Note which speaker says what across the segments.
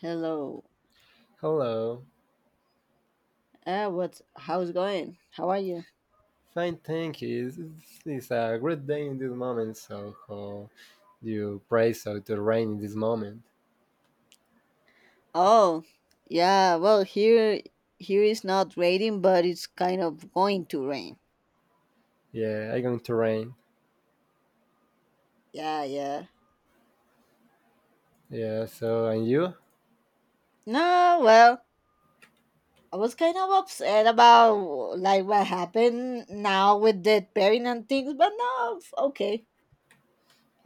Speaker 1: Hello.
Speaker 2: Hello.
Speaker 1: What? How's going? How are you?
Speaker 2: Fine, thank you. It's a great day in this moment, so how do you pray so to rain in this moment?
Speaker 1: Oh, yeah. Well, here is not raining, but it's kind of going to rain.
Speaker 2: Yeah, I going to rain.
Speaker 1: Yeah, yeah.
Speaker 2: Yeah, so and you?
Speaker 1: No, well, I was kind of upset about like what happened now with the pairing and things, but no, okay.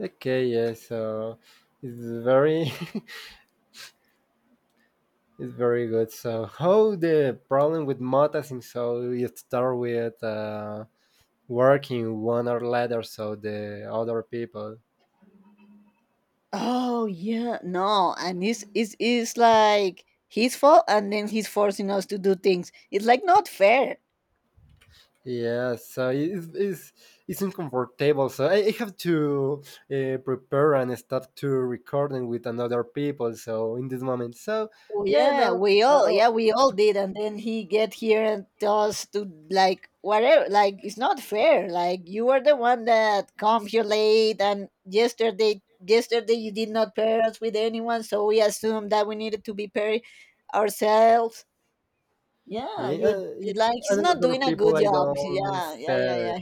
Speaker 2: Okay, yeah, so it's very it's very good. So how the problem with Mota so you start with working one or letter so the other people.
Speaker 1: Oh yeah, no, and it's like his fault, and then he's forcing us to do things. It's like not fair.
Speaker 2: Yeah, so it's uncomfortable. So I have to prepare and start to recording with another people. So in this moment, so
Speaker 1: Oh,
Speaker 2: yeah, no, oh,
Speaker 1: yeah we all did, and then he get here and tell us to like whatever. Like it's not fair. Like you were the one that come here late, and yesterday you did not pair us with anyone, so we assumed that we needed to be paired ourselves. Yeah,
Speaker 2: yeah,
Speaker 1: you
Speaker 2: yeah,
Speaker 1: it, like he's
Speaker 2: and
Speaker 1: not
Speaker 2: other
Speaker 1: doing a good
Speaker 2: people I
Speaker 1: job.
Speaker 2: don't
Speaker 1: Yeah, yeah, yeah,
Speaker 2: say.
Speaker 1: yeah,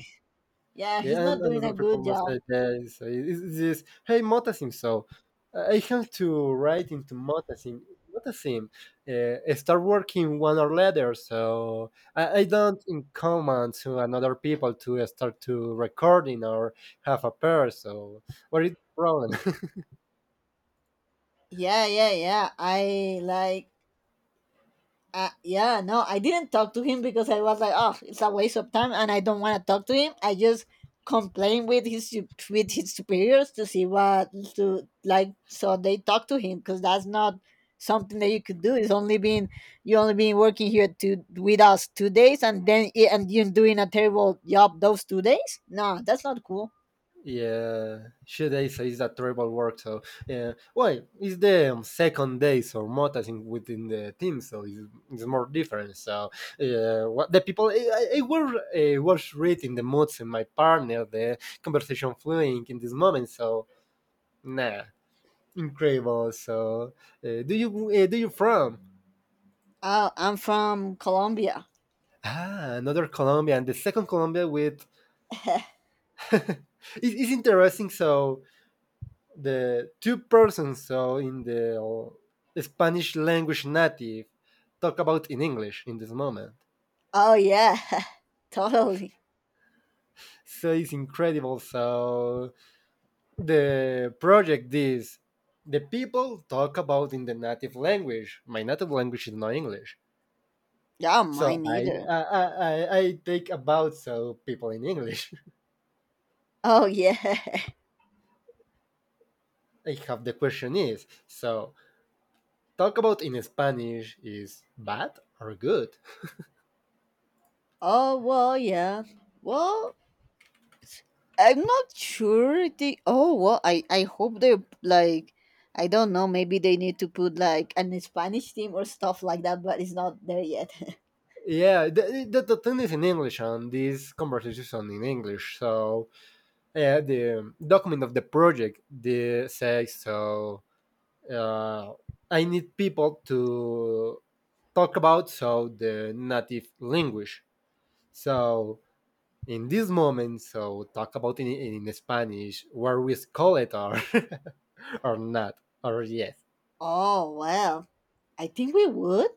Speaker 1: yeah. He's
Speaker 2: Yeah, and
Speaker 1: not
Speaker 2: and
Speaker 1: doing a
Speaker 2: other people
Speaker 1: good
Speaker 2: must
Speaker 1: job.
Speaker 2: say this. Is this hey Motasim? So I have to write into Motasim. Motasim, start working one or later. So I don't in command to another people to start to recording or have a pair. So what is the problem?
Speaker 1: Yeah, yeah, yeah. I like yeah, no, I didn't talk to him because I was like, oh, it's a waste of time, and I don't want to talk to him. I just complained with his with his superiors to see what to like, so they talk to him because that's not something that you could do. It's only been you only been working here two with us 2 days, and then and you're doing a terrible job those 2 days. No, that's not cool.
Speaker 2: Yeah, she they say it's a terrible work. So yeah, well, it's the second day, so more I think within the team, so it's more different. So yeah, what the people I were was reading the moods in my partner, the conversation flowing in this moment. So nah, incredible. So do you from?
Speaker 1: Oh, I'm from Colombia.
Speaker 2: Ah, another Colombian, the second Colombia with. It's interesting. So the two persons so in the Spanish language native talk about in English in this moment.
Speaker 1: Oh yeah, totally.
Speaker 2: So it's incredible. So the project is the people talk about in the native language. My native language is not English.
Speaker 1: Yeah,
Speaker 2: So
Speaker 1: mine
Speaker 2: I
Speaker 1: neither.
Speaker 2: I, I, I take about so people in English.
Speaker 1: Oh yeah.
Speaker 2: I have the question is so talk about in Spanish is bad or good?
Speaker 1: Oh well, yeah. Well, I'm not sure they. Oh well, I hope they like. I don't know. Maybe they need to put like an Spanish team or stuff like that, but it's not there yet.
Speaker 2: Yeah, the thing is in English, and this conversation is in English. So yeah, the document of the project the says so. Uh, I need people to talk about so the native language. So in this moment, so talk about in Spanish, where we call it or or not or yes.
Speaker 1: Oh well, I think we would.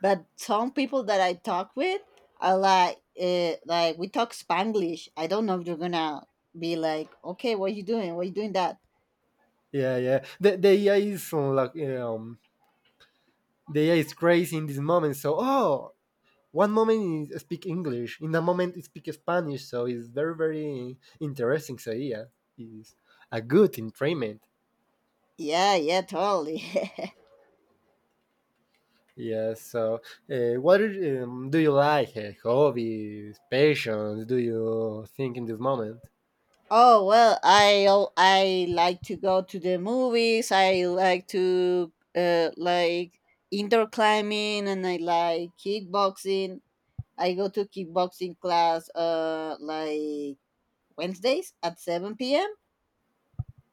Speaker 1: But some people that I talk with are like we talk Spanglish. I don't know if you're gonna be like, okay, what you doing? What you doing that?
Speaker 2: Yeah, yeah. The AI is like the AI is crazy in this moment. So, oh, one moment it speak English, in a moment it speak Spanish. So it's very very interesting. So yeah, it's a good entrainment.
Speaker 1: Yeah, yeah, totally.
Speaker 2: Yeah. So what do you like? Hobbies, passions? Do you think in this moment?
Speaker 1: Oh well, I like to go to the movies. I like to like indoor climbing, and I like kickboxing. I go to kickboxing class like Wednesdays at 7 p.m.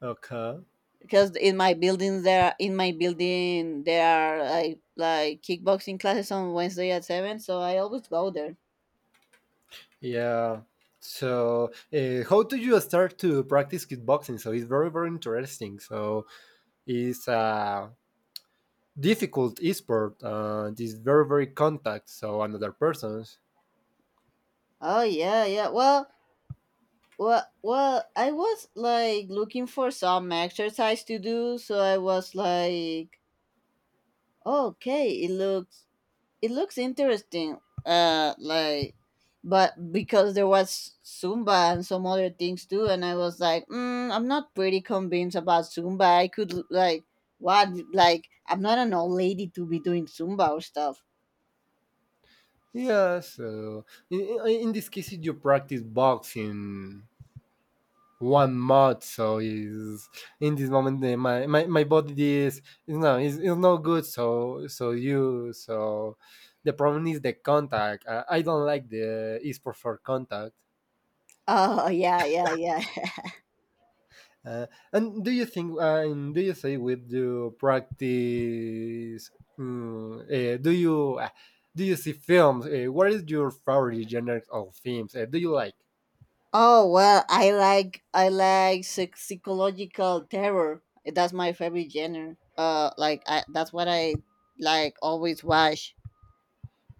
Speaker 2: Okay.
Speaker 1: because in my building there are like kickboxing classes on Wednesday at 7, so I always go there.
Speaker 2: Yeah. So how do you start to practice kickboxing? So it's very very interesting. So it's a difficult sport. It's very very contact. So another person's.
Speaker 1: Oh yeah, yeah. Well, I was like looking for some exercise to do, so I was like, okay, it looks interesting. Uh, like, but because there was Zumba and some other things too, and I was like, mm, I'm not pretty convinced about Zumba. I could like what like I'm not an old lady to be doing Zumba or stuff.
Speaker 2: Yeah, so in, in this case, you practice boxing 1 month, so is in this moment my body is is no good. So so you so the problem is the contact. I don't like the esport for contact.
Speaker 1: Oh yeah, yeah, yeah.
Speaker 2: Uh, and do you think and do you say with you practice? mm, eh, do you uh, do you see films? What is your favorite genre of films? Do you like?
Speaker 1: Oh well, I like psychological terror. That's my favorite genre. That's what I like always watch.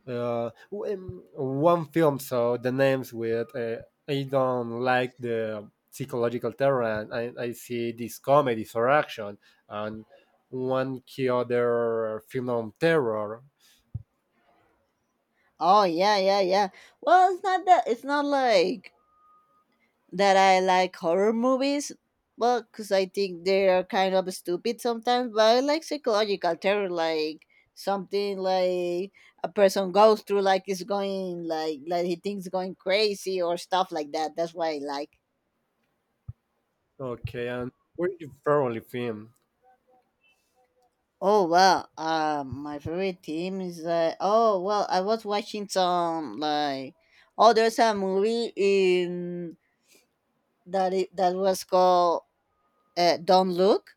Speaker 2: One film so the names with I don't like the psychological terror and I see this comedy for action and one key other film on terror.
Speaker 1: Oh yeah, yeah, yeah. Well, it's not that it's not like that. I like horror movies, well, because I think they are kind of stupid sometimes. But I like psychological terror, like something like a person goes through, like is going like he thinks going crazy or stuff like that. That's what I like.
Speaker 2: Okay and where you favorite film.
Speaker 1: Oh well, my favorite team is oh well, I was watching some like oh there's a movie in that it, that was called Don't Look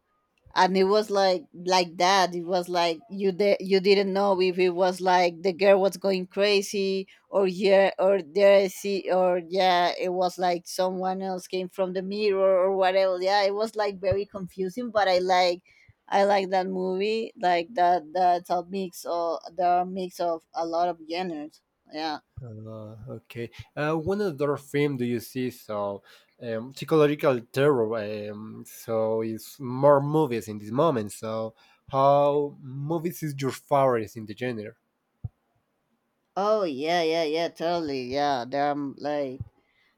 Speaker 1: and it was like that it was like you you didn't know if it was like the girl was going crazy or yeah or there. See or yeah it was like someone else came from the mirror or whatever yeah it was like very confusing but I like that movie like that that's a mix of there are mix of a lot of genres yeah
Speaker 2: Okay one other film do you see so psychological terror so it's more movies in this moment so how movies is your favorites in the genre.
Speaker 1: oh yeah yeah yeah totally yeah there are like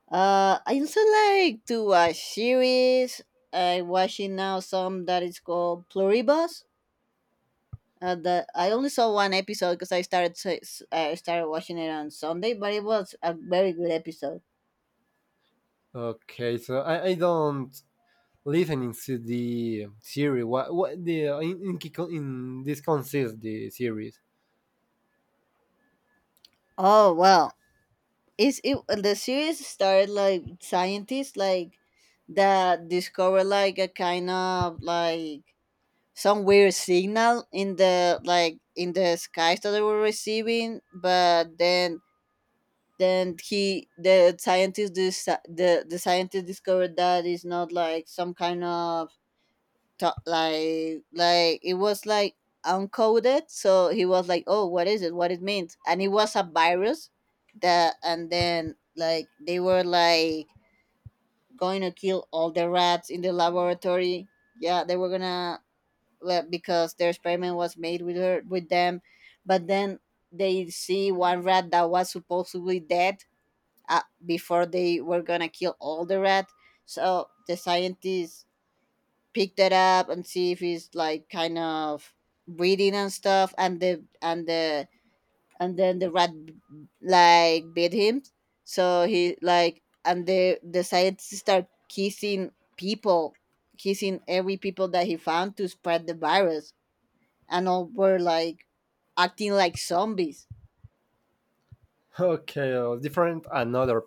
Speaker 1: I also like to watch series. I watching now some that is called Pluribus. The I only saw one episode because I I started watching it on Sunday, but it was a very good episode.
Speaker 2: Okay, so I don't listening to the series. What the in this consists the series?
Speaker 1: Oh well, it's it the series started like scientists like that discover like a kind of like some weird signal in the like in the skies that they were receiving, but then he the scientist the scientist discovered that it's not like some kind of like it was like uncoded so he was like oh what is it what it means and it was a virus that and then like they were like going to kill all the rats in the laboratory yeah they were gonna well, because their experiment was made with her with them but then they see one rat that was supposedly dead before they were gonna kill all the rat. So the scientists picked it up and see if it's like kind of breathing and stuff, and then the rat like bit him. So he like and the scientists start kissing people, kissing every people that he found to spread the virus, and all were like acting like zombies.
Speaker 2: Okay, different another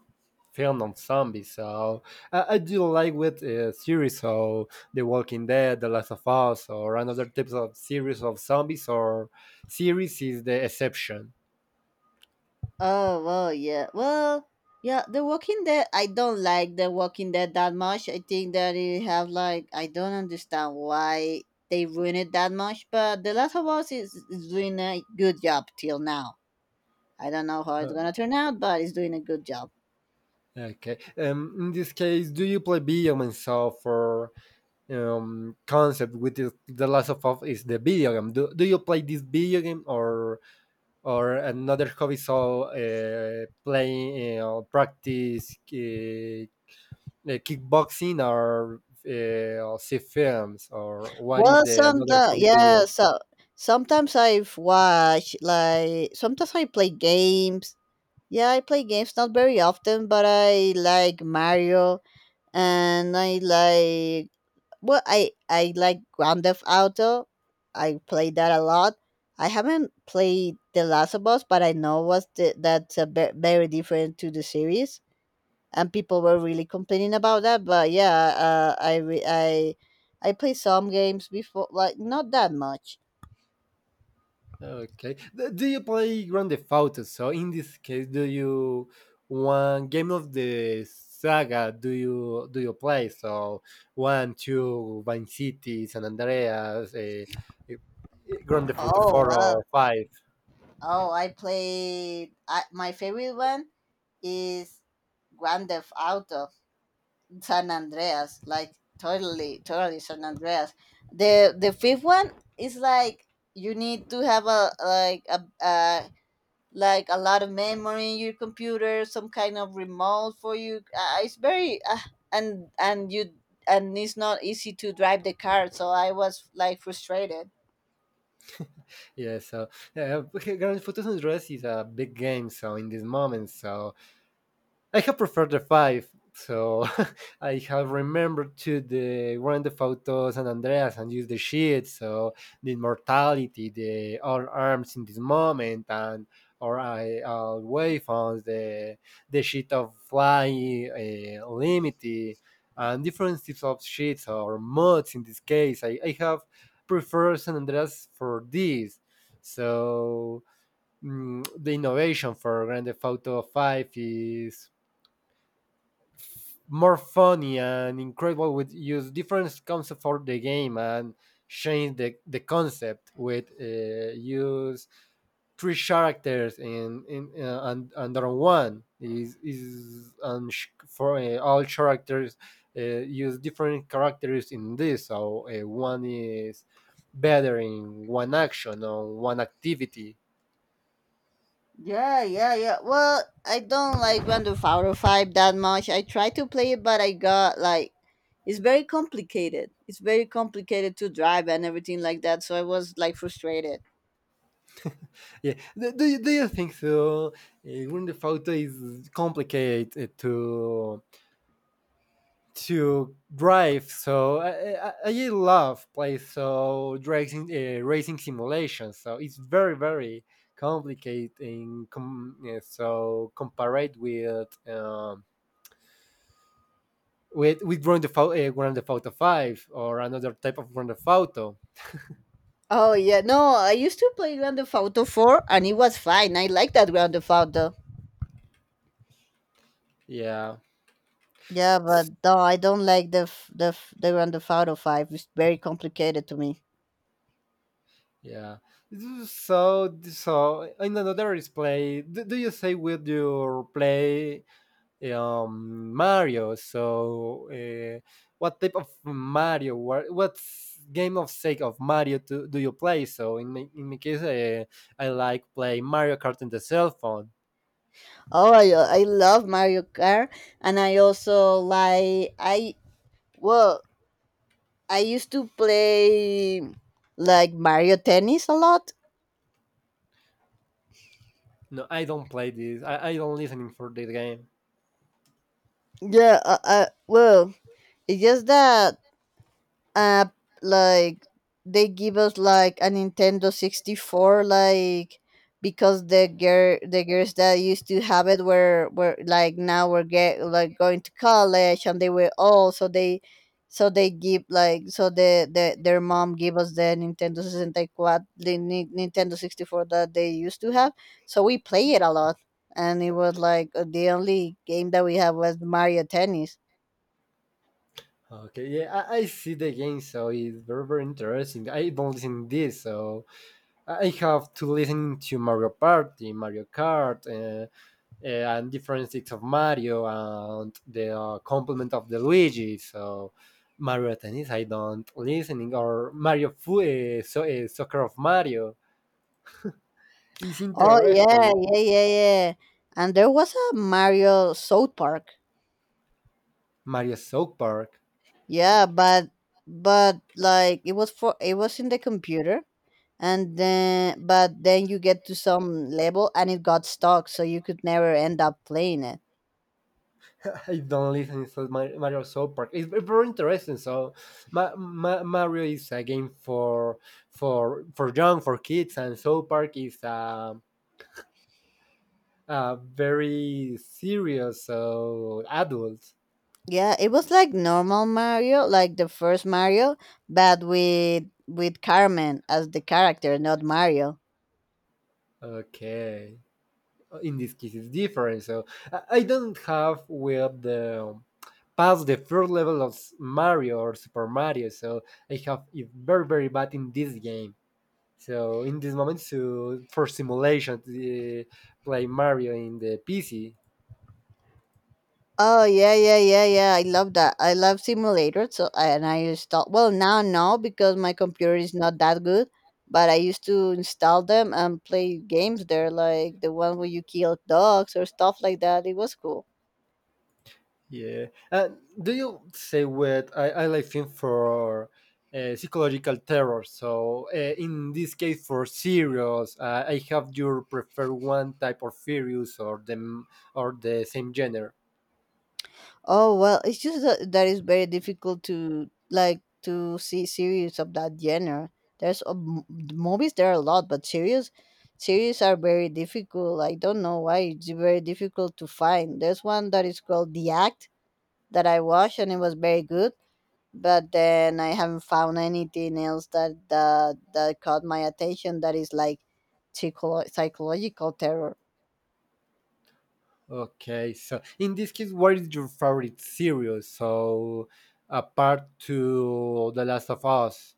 Speaker 2: film on zombies. So I do like with series. So The Walking Dead, The Last of Us, or another types of series of zombies or series is the exception.
Speaker 1: Oh well, yeah. Well, yeah. The Walking Dead. I don't like The Walking Dead that much. I think that it have like I don't understand why they ruin it that much. But The Last of Us is doing a good job till now. I don't know how it's gonna turn out, but it's doing a good job.
Speaker 2: Okay. In this case, do you play video game itself or concept with the Last of Us is the video game? Do you play this video game or another hobby? So playing practice kickboxing or see films or what is
Speaker 1: Well,
Speaker 2: the
Speaker 1: some
Speaker 2: another
Speaker 1: the
Speaker 2: hobby to
Speaker 1: yeah.
Speaker 2: you?
Speaker 1: So sometimes I've watched like sometimes I play games. Yeah, I play games not very often, but I like Mario and I like well I like Grand Theft Auto. I played that a lot. I haven't played The Last of Us, but I know was the, that's a very different to the series, and people were really complaining about that. But yeah, I played some games before, like not that much.
Speaker 2: Okay. Do you play Grand Theft Auto? So in this case, do you one game of the saga? Do you play? So one, two, Vice City, San Andreas, Grand Theft Auto
Speaker 1: Oh
Speaker 2: four
Speaker 1: well.
Speaker 2: or five.
Speaker 1: Oh, I played. I, my favorite one is Grand Theft Auto. San Andreas, like totally, totally San Andreas. The fifth one is like you need to have a like a like a lot of memory in your computer, some kind of remote for you. It's very and you and it's not easy to drive the car, so I was like frustrated.
Speaker 2: Yeah. So Grand Theft Auto San Andreas is a big game. So in this moment, so I have preferred the five, so I have remembered to the Grand Theft Auto San Andreas and use the shield, so the immortality, the all arms in this moment, and or I waveforms, the sheet of flying, limity, and different types of sheets or mods. In this case, I have preferred San Andreas for this. So mm, the innovation for Grand Theft Auto 5 is more funny and incredible with use different concepts for the game and change the concept with use three characters in and under one is and sh- for all characters use different characters in this so one is better in one action or one activity.
Speaker 1: Yeah, yeah, yeah. Well, I don't like Grand Theft Auto 5 that much. I try to play it, but I got like it's very complicated. It's very complicated to drive and everything like that, so I was like frustrated.
Speaker 2: Yeah do you think so Grand Theft Auto is complicated to drive. So I love play so racing simulations. So it's very very complicated yeah, so compared with. With Grand Theft Auto Five or another type of Grand Theft Auto,
Speaker 1: Oh yeah, no, I used to play Grand Theft Auto 4 and it was fine. I like that Grand Theft Auto.
Speaker 2: yeah,
Speaker 1: Yeah, but
Speaker 2: S-
Speaker 1: no, I don't like the Grand Theft Auto 5. It's very complicated to me.
Speaker 2: yeah. So so in another display, do you say with your play Mario. So, what type of Mario? What what's game of sake of Mario to, do you play? So, in my case, I like play Mario Kart in the cell phone.
Speaker 1: Oh, I love Mario Kart and I also like well I used to play like Mario Tennis a lot.
Speaker 2: No, I don't play this. I don't listening for the game.
Speaker 1: Yeah, I well, it's just that app like they give us like a Nintendo 64 like because the girls that used to have it were like now were get like going to college and they were old so they give like so the their mom gave us the Nintendo 64 the Nintendo 64 that they used to have so we play it a lot and it was like the only game that we have was Mario Tennis.
Speaker 2: Okay, yeah, I see the game, so it's very very interesting. I don't listen this, so I have to listen to Mario Party, Mario Kart, and different sticks of Mario and the complement of the Luigi. So Mario Tennis, I don't listening or Soccer of Mario. It's
Speaker 1: Oh yeah,
Speaker 2: interesting.
Speaker 1: yeah, yeah, yeah. And there was a Mario South Park.
Speaker 2: Mario South Park.
Speaker 1: Yeah, but like it was for it was in the computer and then but then you get to some level and it got stuck so you could never end up playing it.
Speaker 2: I don't listen to Mario South Park. It's very interesting. So, Mario is a game for for young for kids, and South Park is a very serious so adults.
Speaker 1: Yeah, it was like normal Mario, like the first Mario, but with Carmen as the character, not Mario.
Speaker 2: Okay. In this case it's different. So I don't have with the past the first level of Mario or Super Mario. So I have it very very bad in this game. So in this moment, so for simulation, play Mario in the PC.
Speaker 1: Oh yeah, yeah, yeah, yeah. I love that. I love simulators. So I- and I install well now no because my computer is not that good, but I used to install them and play games there, like the one where you kill dogs or stuff like that. It was cool.
Speaker 2: Yeah. Do you say what I like film for psychological terror? So in this case, for serials, I have your prefer one type of series or them or the same genre.
Speaker 1: Oh well, it's just that, that it's very difficult to like to see series of that genre. There's a m movies there are a lot, but series are very difficult. I don't know why it's very difficult to find. There's one that is called The Act that I watched, and it was very good. But then I haven't found anything else that that caught my attention that is like psychological terror.
Speaker 2: Okay. So in this case, what is your favorite series? So apart to The Last of Us,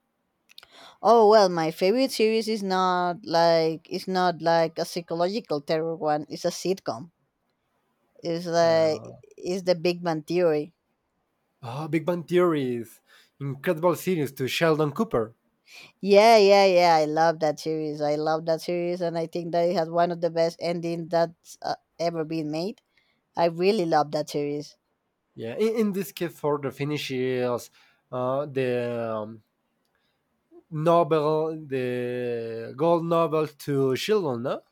Speaker 1: Oh well, my favorite series is not like it's not like a psychological terror one. It's a sitcom. It's like
Speaker 2: uh,
Speaker 1: it's the Big Bang Theory.
Speaker 2: oh, Big Bang Theories, incredible series to Sheldon Cooper.
Speaker 1: Yeah, yeah, yeah. I love that series. I love that series, and I think that it has one of the best endings that's ever been made. I really love that series.
Speaker 2: Yeah, in this case for the finishes, the Nobel, the gold Nobel to Sheldon, no?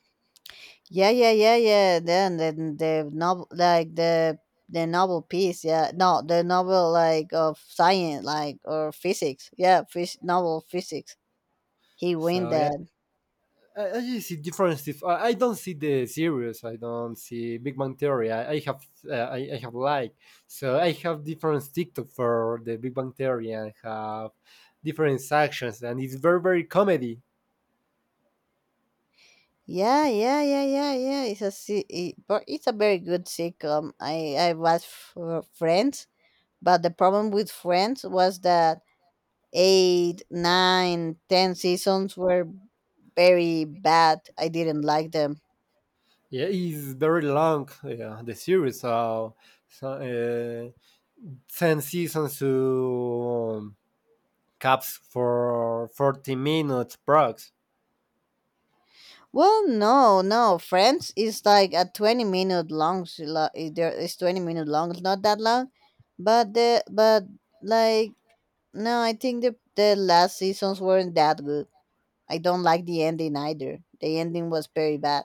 Speaker 1: Yeah, yeah, yeah, yeah. Then the novel, like the novel piece, yeah. No, the novel like of science, like or physics. Yeah, novel physics. He win
Speaker 2: So yeah,
Speaker 1: that.
Speaker 2: I just see difference. If I don't see the series, I don't see Big Bang Theory. I have I have like so I have different TikTok for the Big Bang Theory and have different sections, and it's very very comedy.
Speaker 1: Yeah, yeah, yeah, yeah, yeah. It's a se- it, but it's a very good sitcom. I watched Friends, but the problem with Friends was that eight, nine, ten seasons were very bad. I didn't like them.
Speaker 2: Yeah, it's very long. Yeah, the series. So, so Ten seasons to caps for 40 minutes prox.
Speaker 1: Well, no, no. Friends is like a 20 minute long. It's 20 minute long. It's not that long, but like no, I think the last seasons weren't that good. I don't like the ending either. The ending was very bad.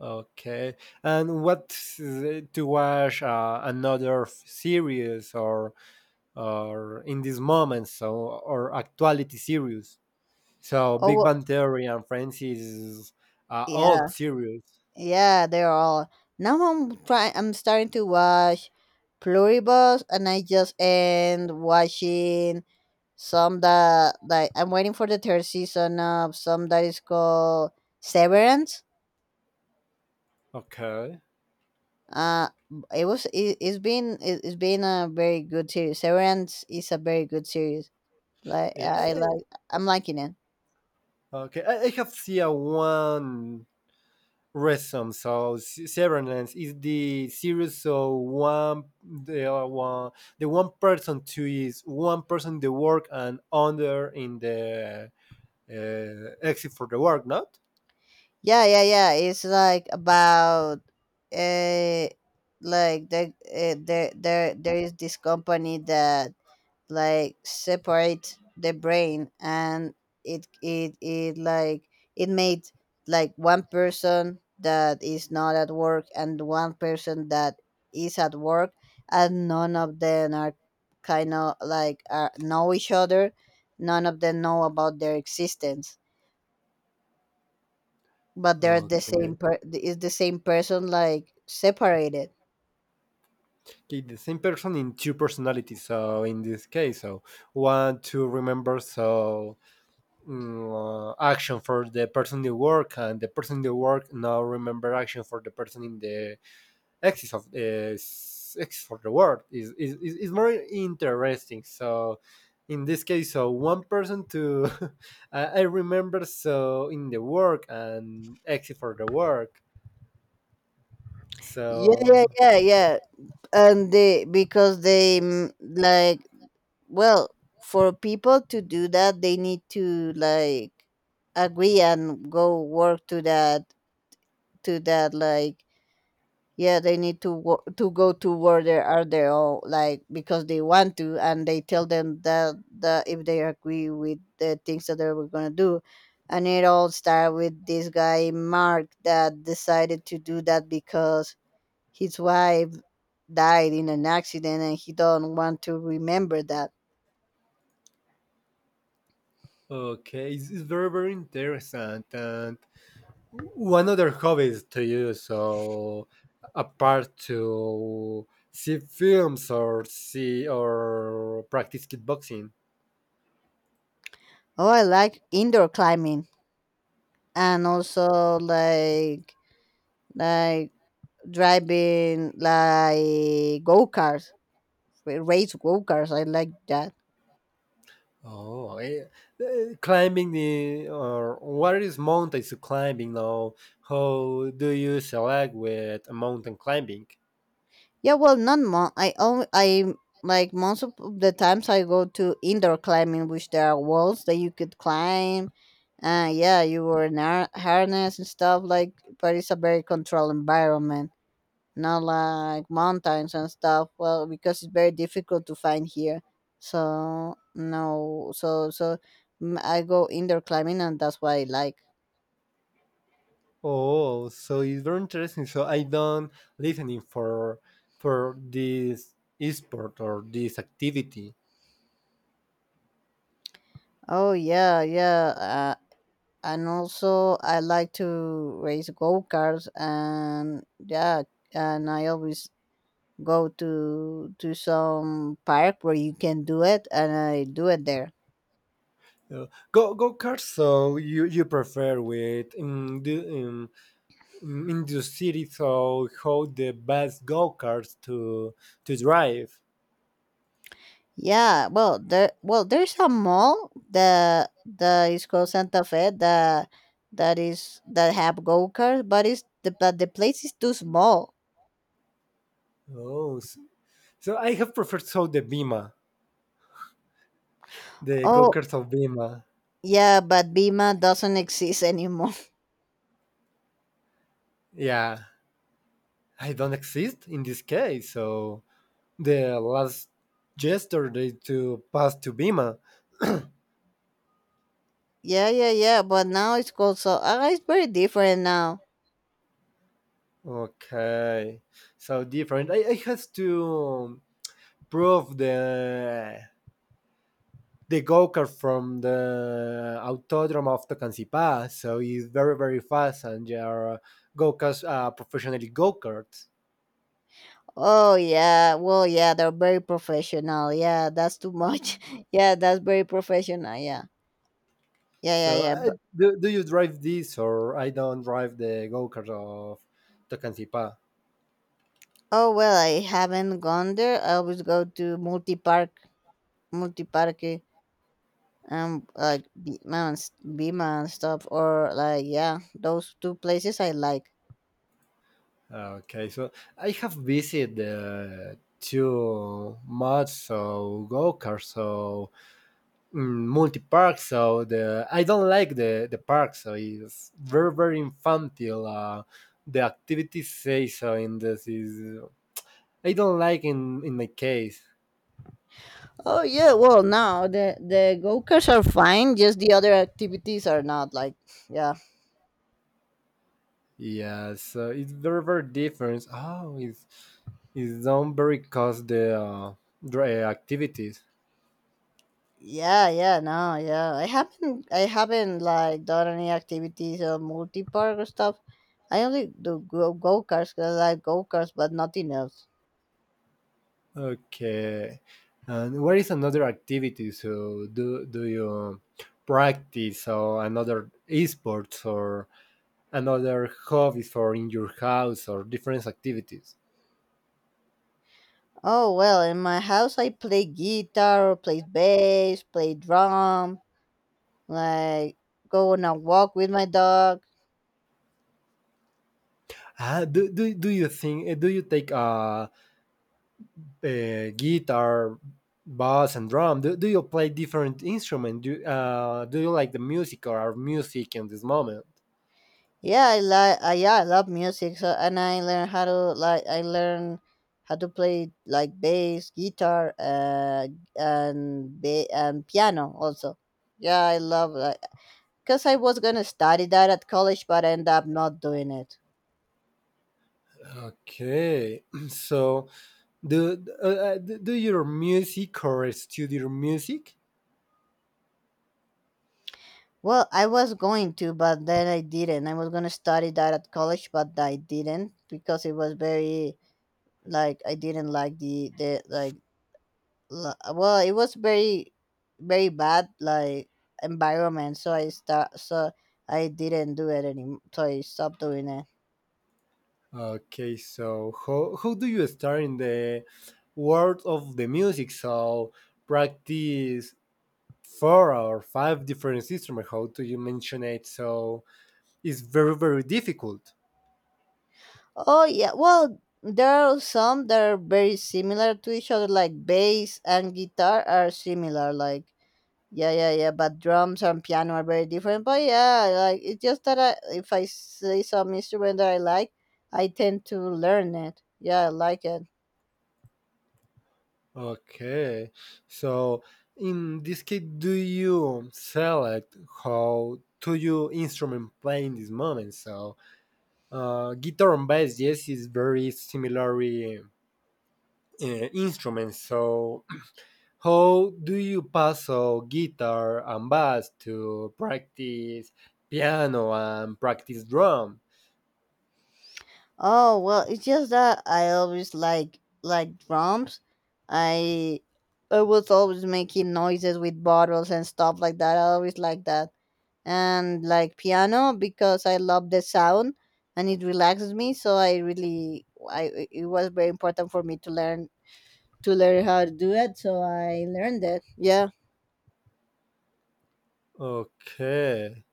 Speaker 2: Okay and what to watch another series or in these moments so or actuality series so
Speaker 1: Oh
Speaker 2: big
Speaker 1: well,
Speaker 2: bang theory and friends is
Speaker 1: yeah,
Speaker 2: old series.
Speaker 1: yeah. They're all now. I'm trying. I'm starting to watch Pluribus, and I just end watching some that like I'm waiting for the third season of some that is called Severance.
Speaker 2: Okay
Speaker 1: Uh, it was it, it's been a very good series. Severance is a very good series. Like
Speaker 2: yeah, I,
Speaker 1: I
Speaker 2: I-
Speaker 1: like I'm liking it.
Speaker 2: okay I have seen one rhythm. So Severance is the series so one the one the one person to is one person the work and other in the exit for the work, not.
Speaker 1: Yeah, yeah, yeah. It's like about uh like there there is this company that like separates the brain, and it like it made like one person that is not at work and one person that is at work, and none of them are kind of like are know each other. None of them know about their existence, but they're the same
Speaker 2: Okay.
Speaker 1: per is the same person like separated.
Speaker 2: Okay, the same person in two personalities. So in this case, so one to remember so action for the person in the work and the person in the work now remember action for the person in the axis of the world is more interesting. So in this case, so one person to I remember so in the work and exit for the work.
Speaker 1: Yeah, yeah,
Speaker 2: So
Speaker 1: yeah, yeah. And they because they like well for people to do that they need to like agree and go work to that like yeah they need to to go to where they are they all like because they want to, and they tell them that if they agree with the things that they were gonna do. And it all started with this guy Mark that decided to do that because his wife died in an accident, and he don't want to remember that.
Speaker 2: okay, it's very very interesting. And one other hobby is to use so apart to see films or see or practice kickboxing.
Speaker 1: Oh, I like indoor climbing, and also like driving like go-karts, race go-karts. I like that.
Speaker 2: Oh, eh, climbing the or what is mountains climbing now? How do you select with mountain climbing?
Speaker 1: Yeah, well, not mo. I only I like most of the times I go to indoor climbing, which there are walls that you could climb. Yeah, you were in harness and stuff like, but it's a very controlled environment, not like mountains and stuff. Well, because it's very difficult to find here. So no, so so mm, I go indoor climbing, and that's what I like.
Speaker 2: Oh, so it's very interesting. So I don't listening for this sport or this activity.
Speaker 1: Oh yeah, yeah. And also I like to race go karts and yeah, and I always go to some park where you can do it, and I do it there.
Speaker 2: Uh, go kart. So you prefer with in the city. So how the best go karts to drive?
Speaker 1: Yeah, well, there well there's a mall that is called Santa Fe that is that have go karts, but it's the but the place is too small.
Speaker 2: Oh, s- So I have preferred so the Bima, the
Speaker 1: Oh
Speaker 2: go-karts of Bima.
Speaker 1: yeah, but Bima doesn't exist anymore.
Speaker 2: Yeah, I don't exist in this case. So the last gesture they to pass to Bima.
Speaker 1: Yeah, yeah, yeah, but now it's called so. It's very different now.
Speaker 2: Okay, so different. I has to prove the go-kart from the Autodrome of Tocancipa. So it's very very fast, and they are karts professionally go-karts.
Speaker 1: Oh yeah, well yeah, they're very professional. Yeah, that's too much. Yeah, that's very professional. Yeah, yeah, yeah,
Speaker 2: So,
Speaker 1: yeah. But
Speaker 2: I, do you drive this, or I don't drive the go kart of Tocantipa?
Speaker 1: oh well, I haven't gone there. I always go to multi park, multi parque, like Bima and, Bima and stuff, or like yeah, those two places I like.
Speaker 2: Okay, so I have visited the two mods of go kart, so multi park. So the I don't like the park, so it's very very infantile. The activities say so in this is I don't like in my case.
Speaker 1: Oh yeah, well now the go karts are fine, just the other activities are not like yeah.
Speaker 2: Yeah, so it's very very different. Oh, it's done very cost the dry activities.
Speaker 1: Yeah, yeah, no, yeah. I haven't like done any activities or multi park or stuff. I only do go go cause I like go karts, but nothing else.
Speaker 2: Okay, and what is another activity? So do you practice or another esports or another hobbies or in your house or different activities?
Speaker 1: Oh well, in my house I play guitar, or play bass, play drum, like go on a walk with my dog.
Speaker 2: Do, do you think? Do you take guitar, bass, and drum? Do, do you play different instruments? Do, do you like the music or are music in this moment?
Speaker 1: Yeah, I like. Yeah, I love music, so, and I learn how to like. I learn how to play like bass, guitar, and and piano also. Yeah, I love like because I was gonna study that at college, but I end up not doing it.
Speaker 2: Okay, so do do your music or studio music?
Speaker 1: Well, I was going to, but then I didn't. I was gonna study that at college, but I didn't because it was very like I didn't like the like well it was very very bad like environment, so I start so I didn't do it anymore, so I stopped doing it.
Speaker 2: Okay, so how do you start in the world of the music? So practice four or five different instruments. How do you mention it? So it's very very difficult.
Speaker 1: Oh yeah, well there are some that are very similar to each other like bass and guitar are similar like yeah, yeah, yeah, but drums and piano are very different. But yeah, like it's just that I, if I see some instrument that I like I tend to learn it. Yeah, I like it.
Speaker 2: Okay. So in this case, do you select how to your instrument play in this moment? So guitar and bass, yes, is very similar instruments. So how do you pass guitar and bass to practice piano and practice drum?
Speaker 1: Oh well, it's just that I always like drums. I I was always making noises with bottles and stuff like that. I always like that, and like piano because I love the sound and it relaxes me. So I really I it was very important for me to learn how to do it. So I learned it. Yeah.
Speaker 2: Okay.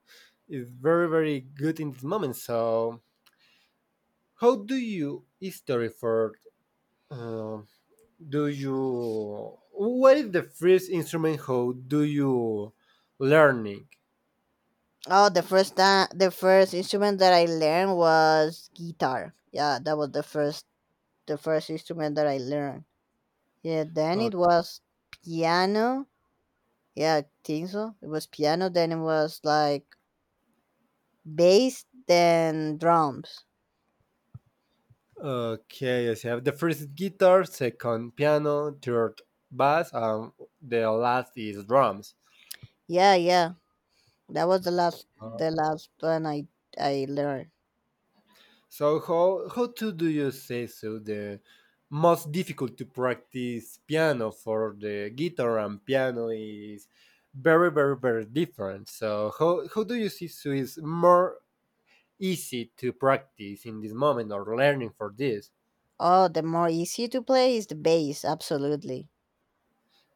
Speaker 2: It's very, very good in this moment. So how do you history for uh, do you what is the first instrument how do you learning
Speaker 1: Oh, the first time the first instrument that I learned was guitar. Yeah, that was the first instrument that I learned. Yeah, then
Speaker 2: O-
Speaker 1: it was piano. Yeah, I think so. It was piano, then it was like bass, then drums.
Speaker 2: okay so you have the first guitar second piano third bass and the last is drums.
Speaker 1: Yeah, yeah. That was the
Speaker 2: Uh,
Speaker 1: last one I learned.
Speaker 2: so how to do you say so the most difficult to practice piano for the guitar and piano is very very very different so how do you see so is more easy to practice in this moment or learning for this.
Speaker 1: Oh, the more easy to play is the bass, absolutely.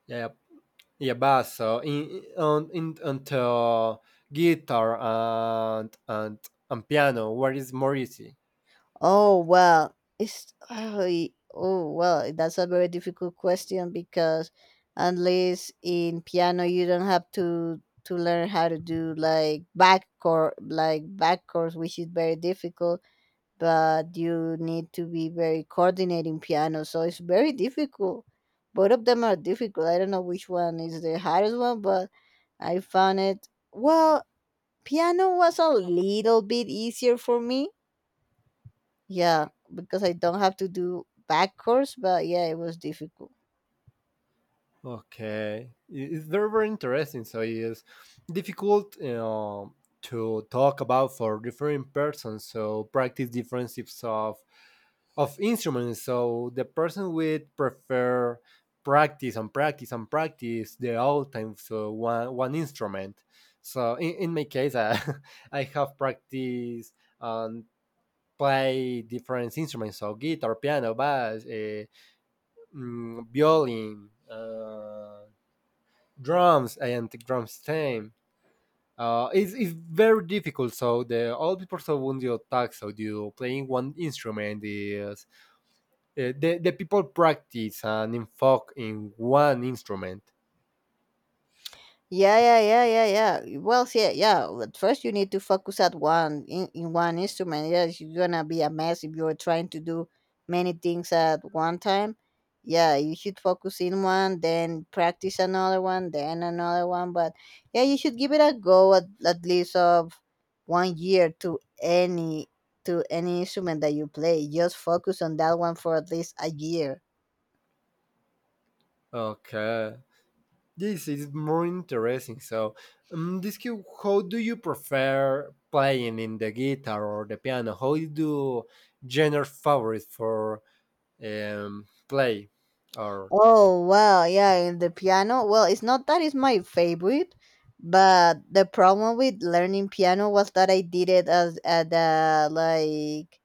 Speaker 2: Yeah, yeah, but so in on in until guitar and and piano, where is more easy?
Speaker 1: Oh well, that's a very difficult question because unless in piano you don't have to learn how to do like back chord like back chords, which is very difficult. But you need to be very coordinating piano, so it's very difficult. Both of them are difficult. I don't know which one is the hardest one, but I found it well. Piano was a little bit easier for me yeah, because I don't have to do back course, but yeah, it was difficult.
Speaker 2: Okay, it's very very interesting. So it's difficult, you know, to talk about for different persons. So practice different types of instruments. So the person would prefer practice and practice and practice the whole time so one one instrument. So in my case, I, I have practiced and play different instruments, so guitar, piano, bass, violin, drums, and drums stem. It's very difficult. So the all people so when you talk, so you playing one instrument is the people practice and invoke in one instrument.
Speaker 1: Yeah, yeah, yeah, yeah, yeah. Well, yeah, yeah. At first, you need to focus at one in one instrument. Yes, you're gonna be a mess if you're trying to do many things at one time. Yeah, you should focus in one, then practice another one, then another one. But yeah, you should give it a go at least of 1 year to any instrument that you play. Just focus on that one for at least a year.
Speaker 2: Okay, this is more interesting. So, this kid, how do you prefer playing in the guitar or the piano? How do genre favorite for play or
Speaker 1: Oh well, yeah, in the piano. Well, it's not that it's my favorite, but the problem with learning piano was that I did it as at like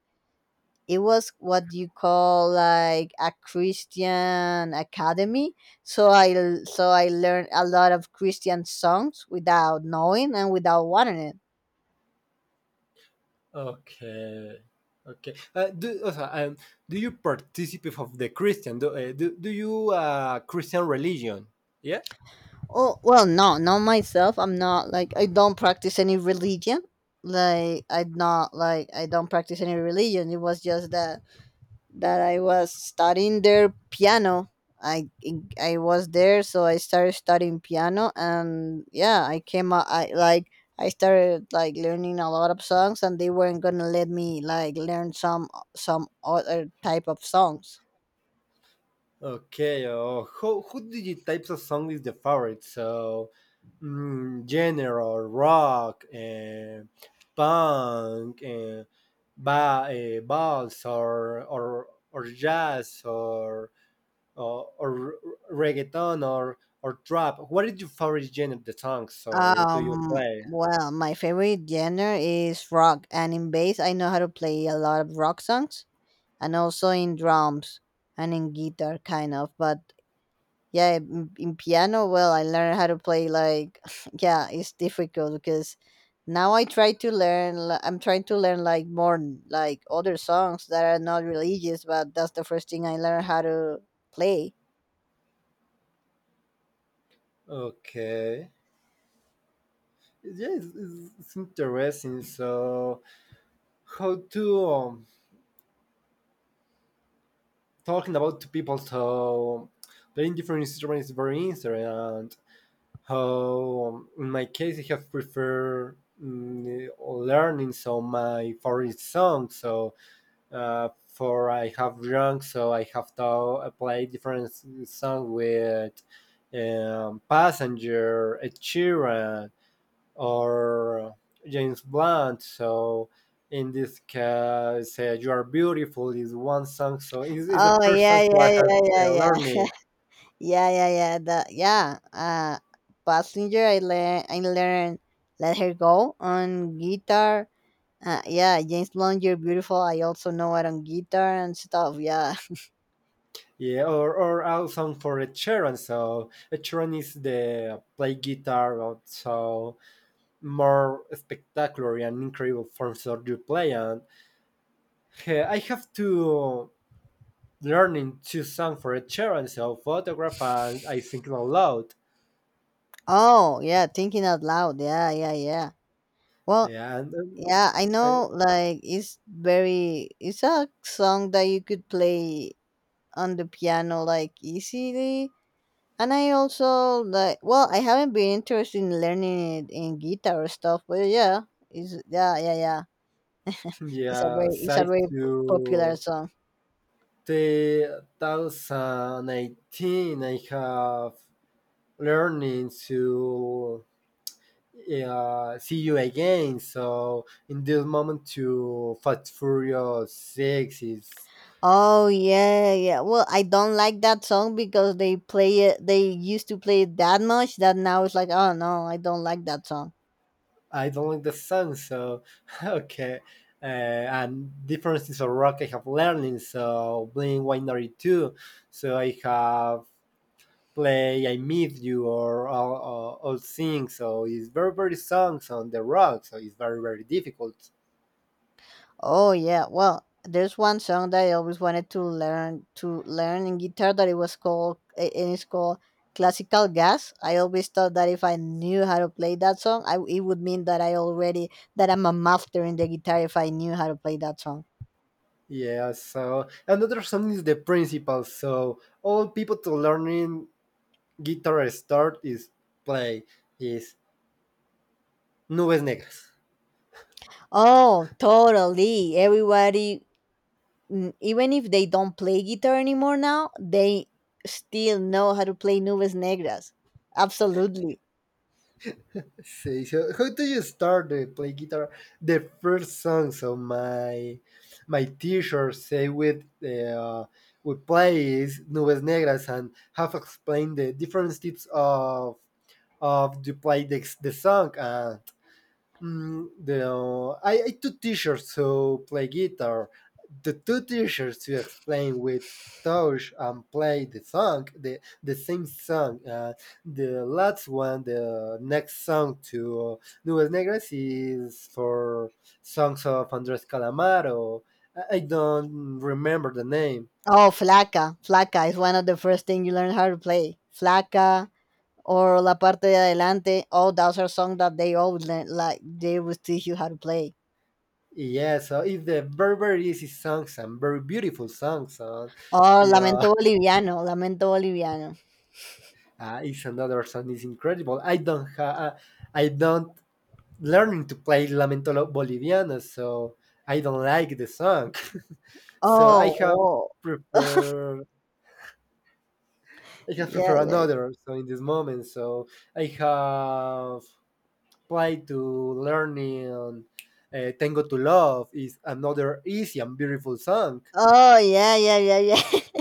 Speaker 1: it was what you call like a Christian academy. So so I learned a lot of Christian songs without knowing and without wanting it.
Speaker 2: okay, okay. Do also, do you participate of the Christian? Do, do, do you Christian religion? Yeah.
Speaker 1: Oh well, no, not myself. I'm not like I don't practice any religion. Like I'm not like I don't practice any religion. It was just that I was studying their piano. I I was there, so I started studying piano, and yeah, I came out. I like I started like learning a lot of songs, and they weren't gonna let me like learn some other type of songs.
Speaker 2: Okay. Who do you types of song is the favorite? So, general rock, punk, ba balls or jazz or reggaeton or trap. What is your favorite genre of the songs? So do you play?
Speaker 1: Well, my favorite genre is rock, and in bass, I know how to play a lot of rock songs, and also in drums and in guitar, kind of. But yeah in piano well I learned how to play like yeah, it's difficult because now I try to learn I'm trying to learn like more like other songs that are not religious, but that's the first thing I learned how to play.
Speaker 2: Okay. Yeah, it's interesting. So, how to talking about to people so playing different instruments is very interesting. And how, in my case, I have preferred learning so my favorite song. So, for I have drunk, so I have to play different song with Passenger, Ed Sheeran or James Blunt. So in this case, "You Are Beautiful" is one song. So it's the
Speaker 1: Oh
Speaker 2: first
Speaker 1: yeah,
Speaker 2: song
Speaker 1: yeah,
Speaker 2: that I have
Speaker 1: yeah, yeah, yeah.
Speaker 2: learning.
Speaker 1: Yeah, yeah, yeah that yeah. Passenger I learn I learned Let Her Go on guitar. Yeah, James Blunt, "You're Beautiful" I also know it on guitar and stuff yeah.
Speaker 2: Yeah, or a song for a Sheeran. So a Sheeran is the play guitar, so more spectacular and incredible forms that you play. And I have to learning two songs for a Sheeran. So photograph and I think it aloud.
Speaker 1: Oh yeah, thinking out loud. Yeah, yeah, yeah. Well,
Speaker 2: Yeah, and. um,
Speaker 1: yeah, I know like it's very it's a song that you could play on the piano like easily. And I also like well, I haven't been interested in learning it in guitar or stuff, but yeah, it's yeah, yeah, yeah.
Speaker 2: Yeah,
Speaker 1: It's a
Speaker 2: side
Speaker 1: very popular
Speaker 2: to
Speaker 1: song.
Speaker 2: 2018, I have learning to see you again. So in this moment, to Fast Furious Six is
Speaker 1: Oh yeah, yeah. Well, I don't like that song because they play it. They used to play it that much that now it's like, oh no, I don't like that song.
Speaker 2: I don't like the song. So Okay, and differences of rock I have learning. So Blink One Ninety Two. So I have play "I Miss You" or all, things. So it's very very songs on the rock. So it's very very difficult.
Speaker 1: Oh yeah, well, there's one song that I always wanted to learn in guitar that it was called and it's called Classical Gas. I always thought that if I knew how to play that song, I, it would mean that I already that I'm a master in the guitar if I knew how to play that song.
Speaker 2: Yeah. So another song is the principle. So all people to learning guitar start is play is nubes negras.
Speaker 1: Oh, totally. Everybody, even if they don't play guitar anymore now, they still know how to play Nubes Negras. Absolutely.
Speaker 2: See, so how do you start to play guitar? The first song. So my teacher say with we play is nubes negras and have explained the different types of to play the song and the I two teachers who play guitar the two teachers who explain with touch and play the song the same song the last one the next song to nubes negras is for songs of Andres Calamaro. I don't remember the name.
Speaker 1: Oh, Flaca. Flaca is one of the first thing you learn how to play. Flaca or La Parte de Adelante. Oh, those are songs that they always learn, like they will teach you how to play.
Speaker 2: Yeah, so it's the very very easy songs and very beautiful songs. And
Speaker 1: Oh,
Speaker 2: yeah,
Speaker 1: Lamento Boliviano. Lamento Boliviano.
Speaker 2: is another song. It's incredible. I don't have, I don't learning to play Lamento Boliviano, so I don't like the song. So
Speaker 1: Oh, whoa.
Speaker 2: prefer, I have
Speaker 1: Yeah,
Speaker 2: prefer
Speaker 1: yeah.
Speaker 2: another. So in this moment, so I have applied to learning Tango to Love is another easy and beautiful song,
Speaker 1: Oh, yeah, yeah, yeah, yeah.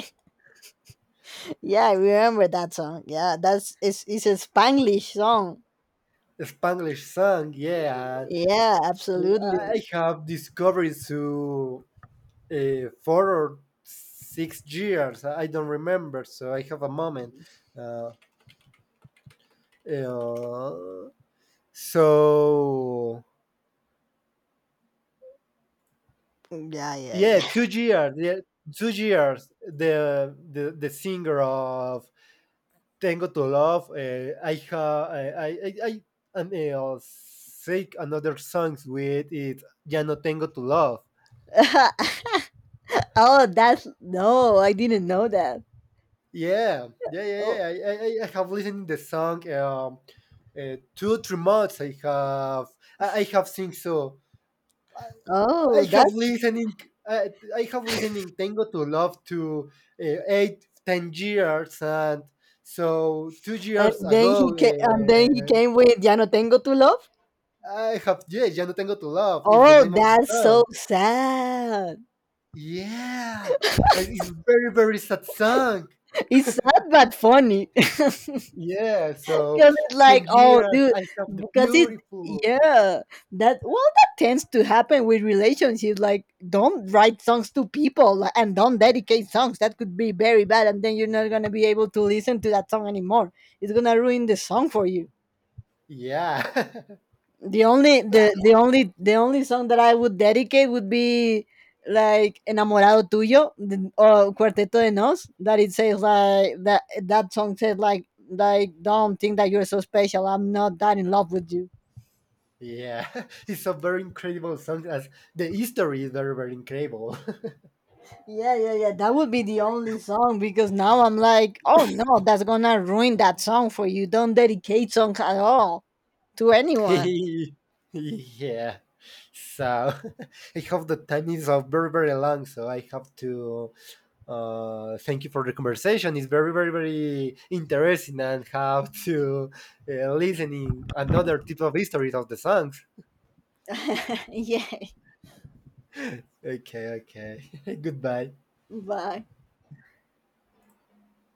Speaker 1: Yeah, I remember that song. Yeah, that's it's a Spanglish song.
Speaker 2: a Spanglish song, yeah.
Speaker 1: Yeah,
Speaker 2: So
Speaker 1: absolutely.
Speaker 2: I have discovered to 4 or 6 years. I don't remember, so I have a moment. Uh, uh, so
Speaker 1: Yeah,
Speaker 2: yeah,
Speaker 1: yeah,
Speaker 2: 2 years. Yeah, 2 years. The singer of Tengo to Love. I ha I and, take another songs with it. Ya no tengo to love.
Speaker 1: yeah. Oh, that's no, I didn't know that.
Speaker 2: Yeah, yeah,
Speaker 1: Oh.
Speaker 2: yeah, yeah. I have listened the song two, 3 months. I have, I have seen so.
Speaker 1: Oh,
Speaker 2: I have
Speaker 1: that's
Speaker 2: listening, I have listening Tango to Love to eight, 10 years, and so two
Speaker 1: and
Speaker 2: years
Speaker 1: then he
Speaker 2: ago,
Speaker 1: came and then he came with Ya no tengo tu love.
Speaker 2: I have yeah, Ya no Tengo to Love is the
Speaker 1: Oh,
Speaker 2: name of the
Speaker 1: that's so
Speaker 2: song.
Speaker 1: sad.
Speaker 2: Yeah, and it's very, very sad song.
Speaker 1: It's sad but funny.
Speaker 2: Yeah, so
Speaker 1: Because it's
Speaker 2: ten
Speaker 1: like, oh,
Speaker 2: years,
Speaker 1: dude,
Speaker 2: I have the
Speaker 1: because it,
Speaker 2: beautiful.
Speaker 1: yeah, that well, that tends to happen with relationships. Like, don't write songs to people like, and don't dedicate songs. That could be very bad, and then you're not gonna be able to listen to that song anymore. It's gonna ruin the song for you.
Speaker 2: Yeah,
Speaker 1: The only the only the only song that I would dedicate would be like "Enamorado Tuyo" or "Cuarteto de Nos." That it says like that song says like don't think that you're so special. I'm not that in love with you.
Speaker 2: yeah, it's a very incredible song. As the history is very, very incredible.
Speaker 1: Yeah, yeah, yeah. That would be the only song because now I'm like, oh no, that's gonna ruin that song for you. Don't dedicate song at all to anyone.
Speaker 2: Yeah, so I hope the time is very, very long. So I have to thank you for the conversation. It's very, very, very interesting and how to listening another type of histories of the songs.
Speaker 1: Yeah.
Speaker 2: Okay, okay, goodbye.
Speaker 1: Bye.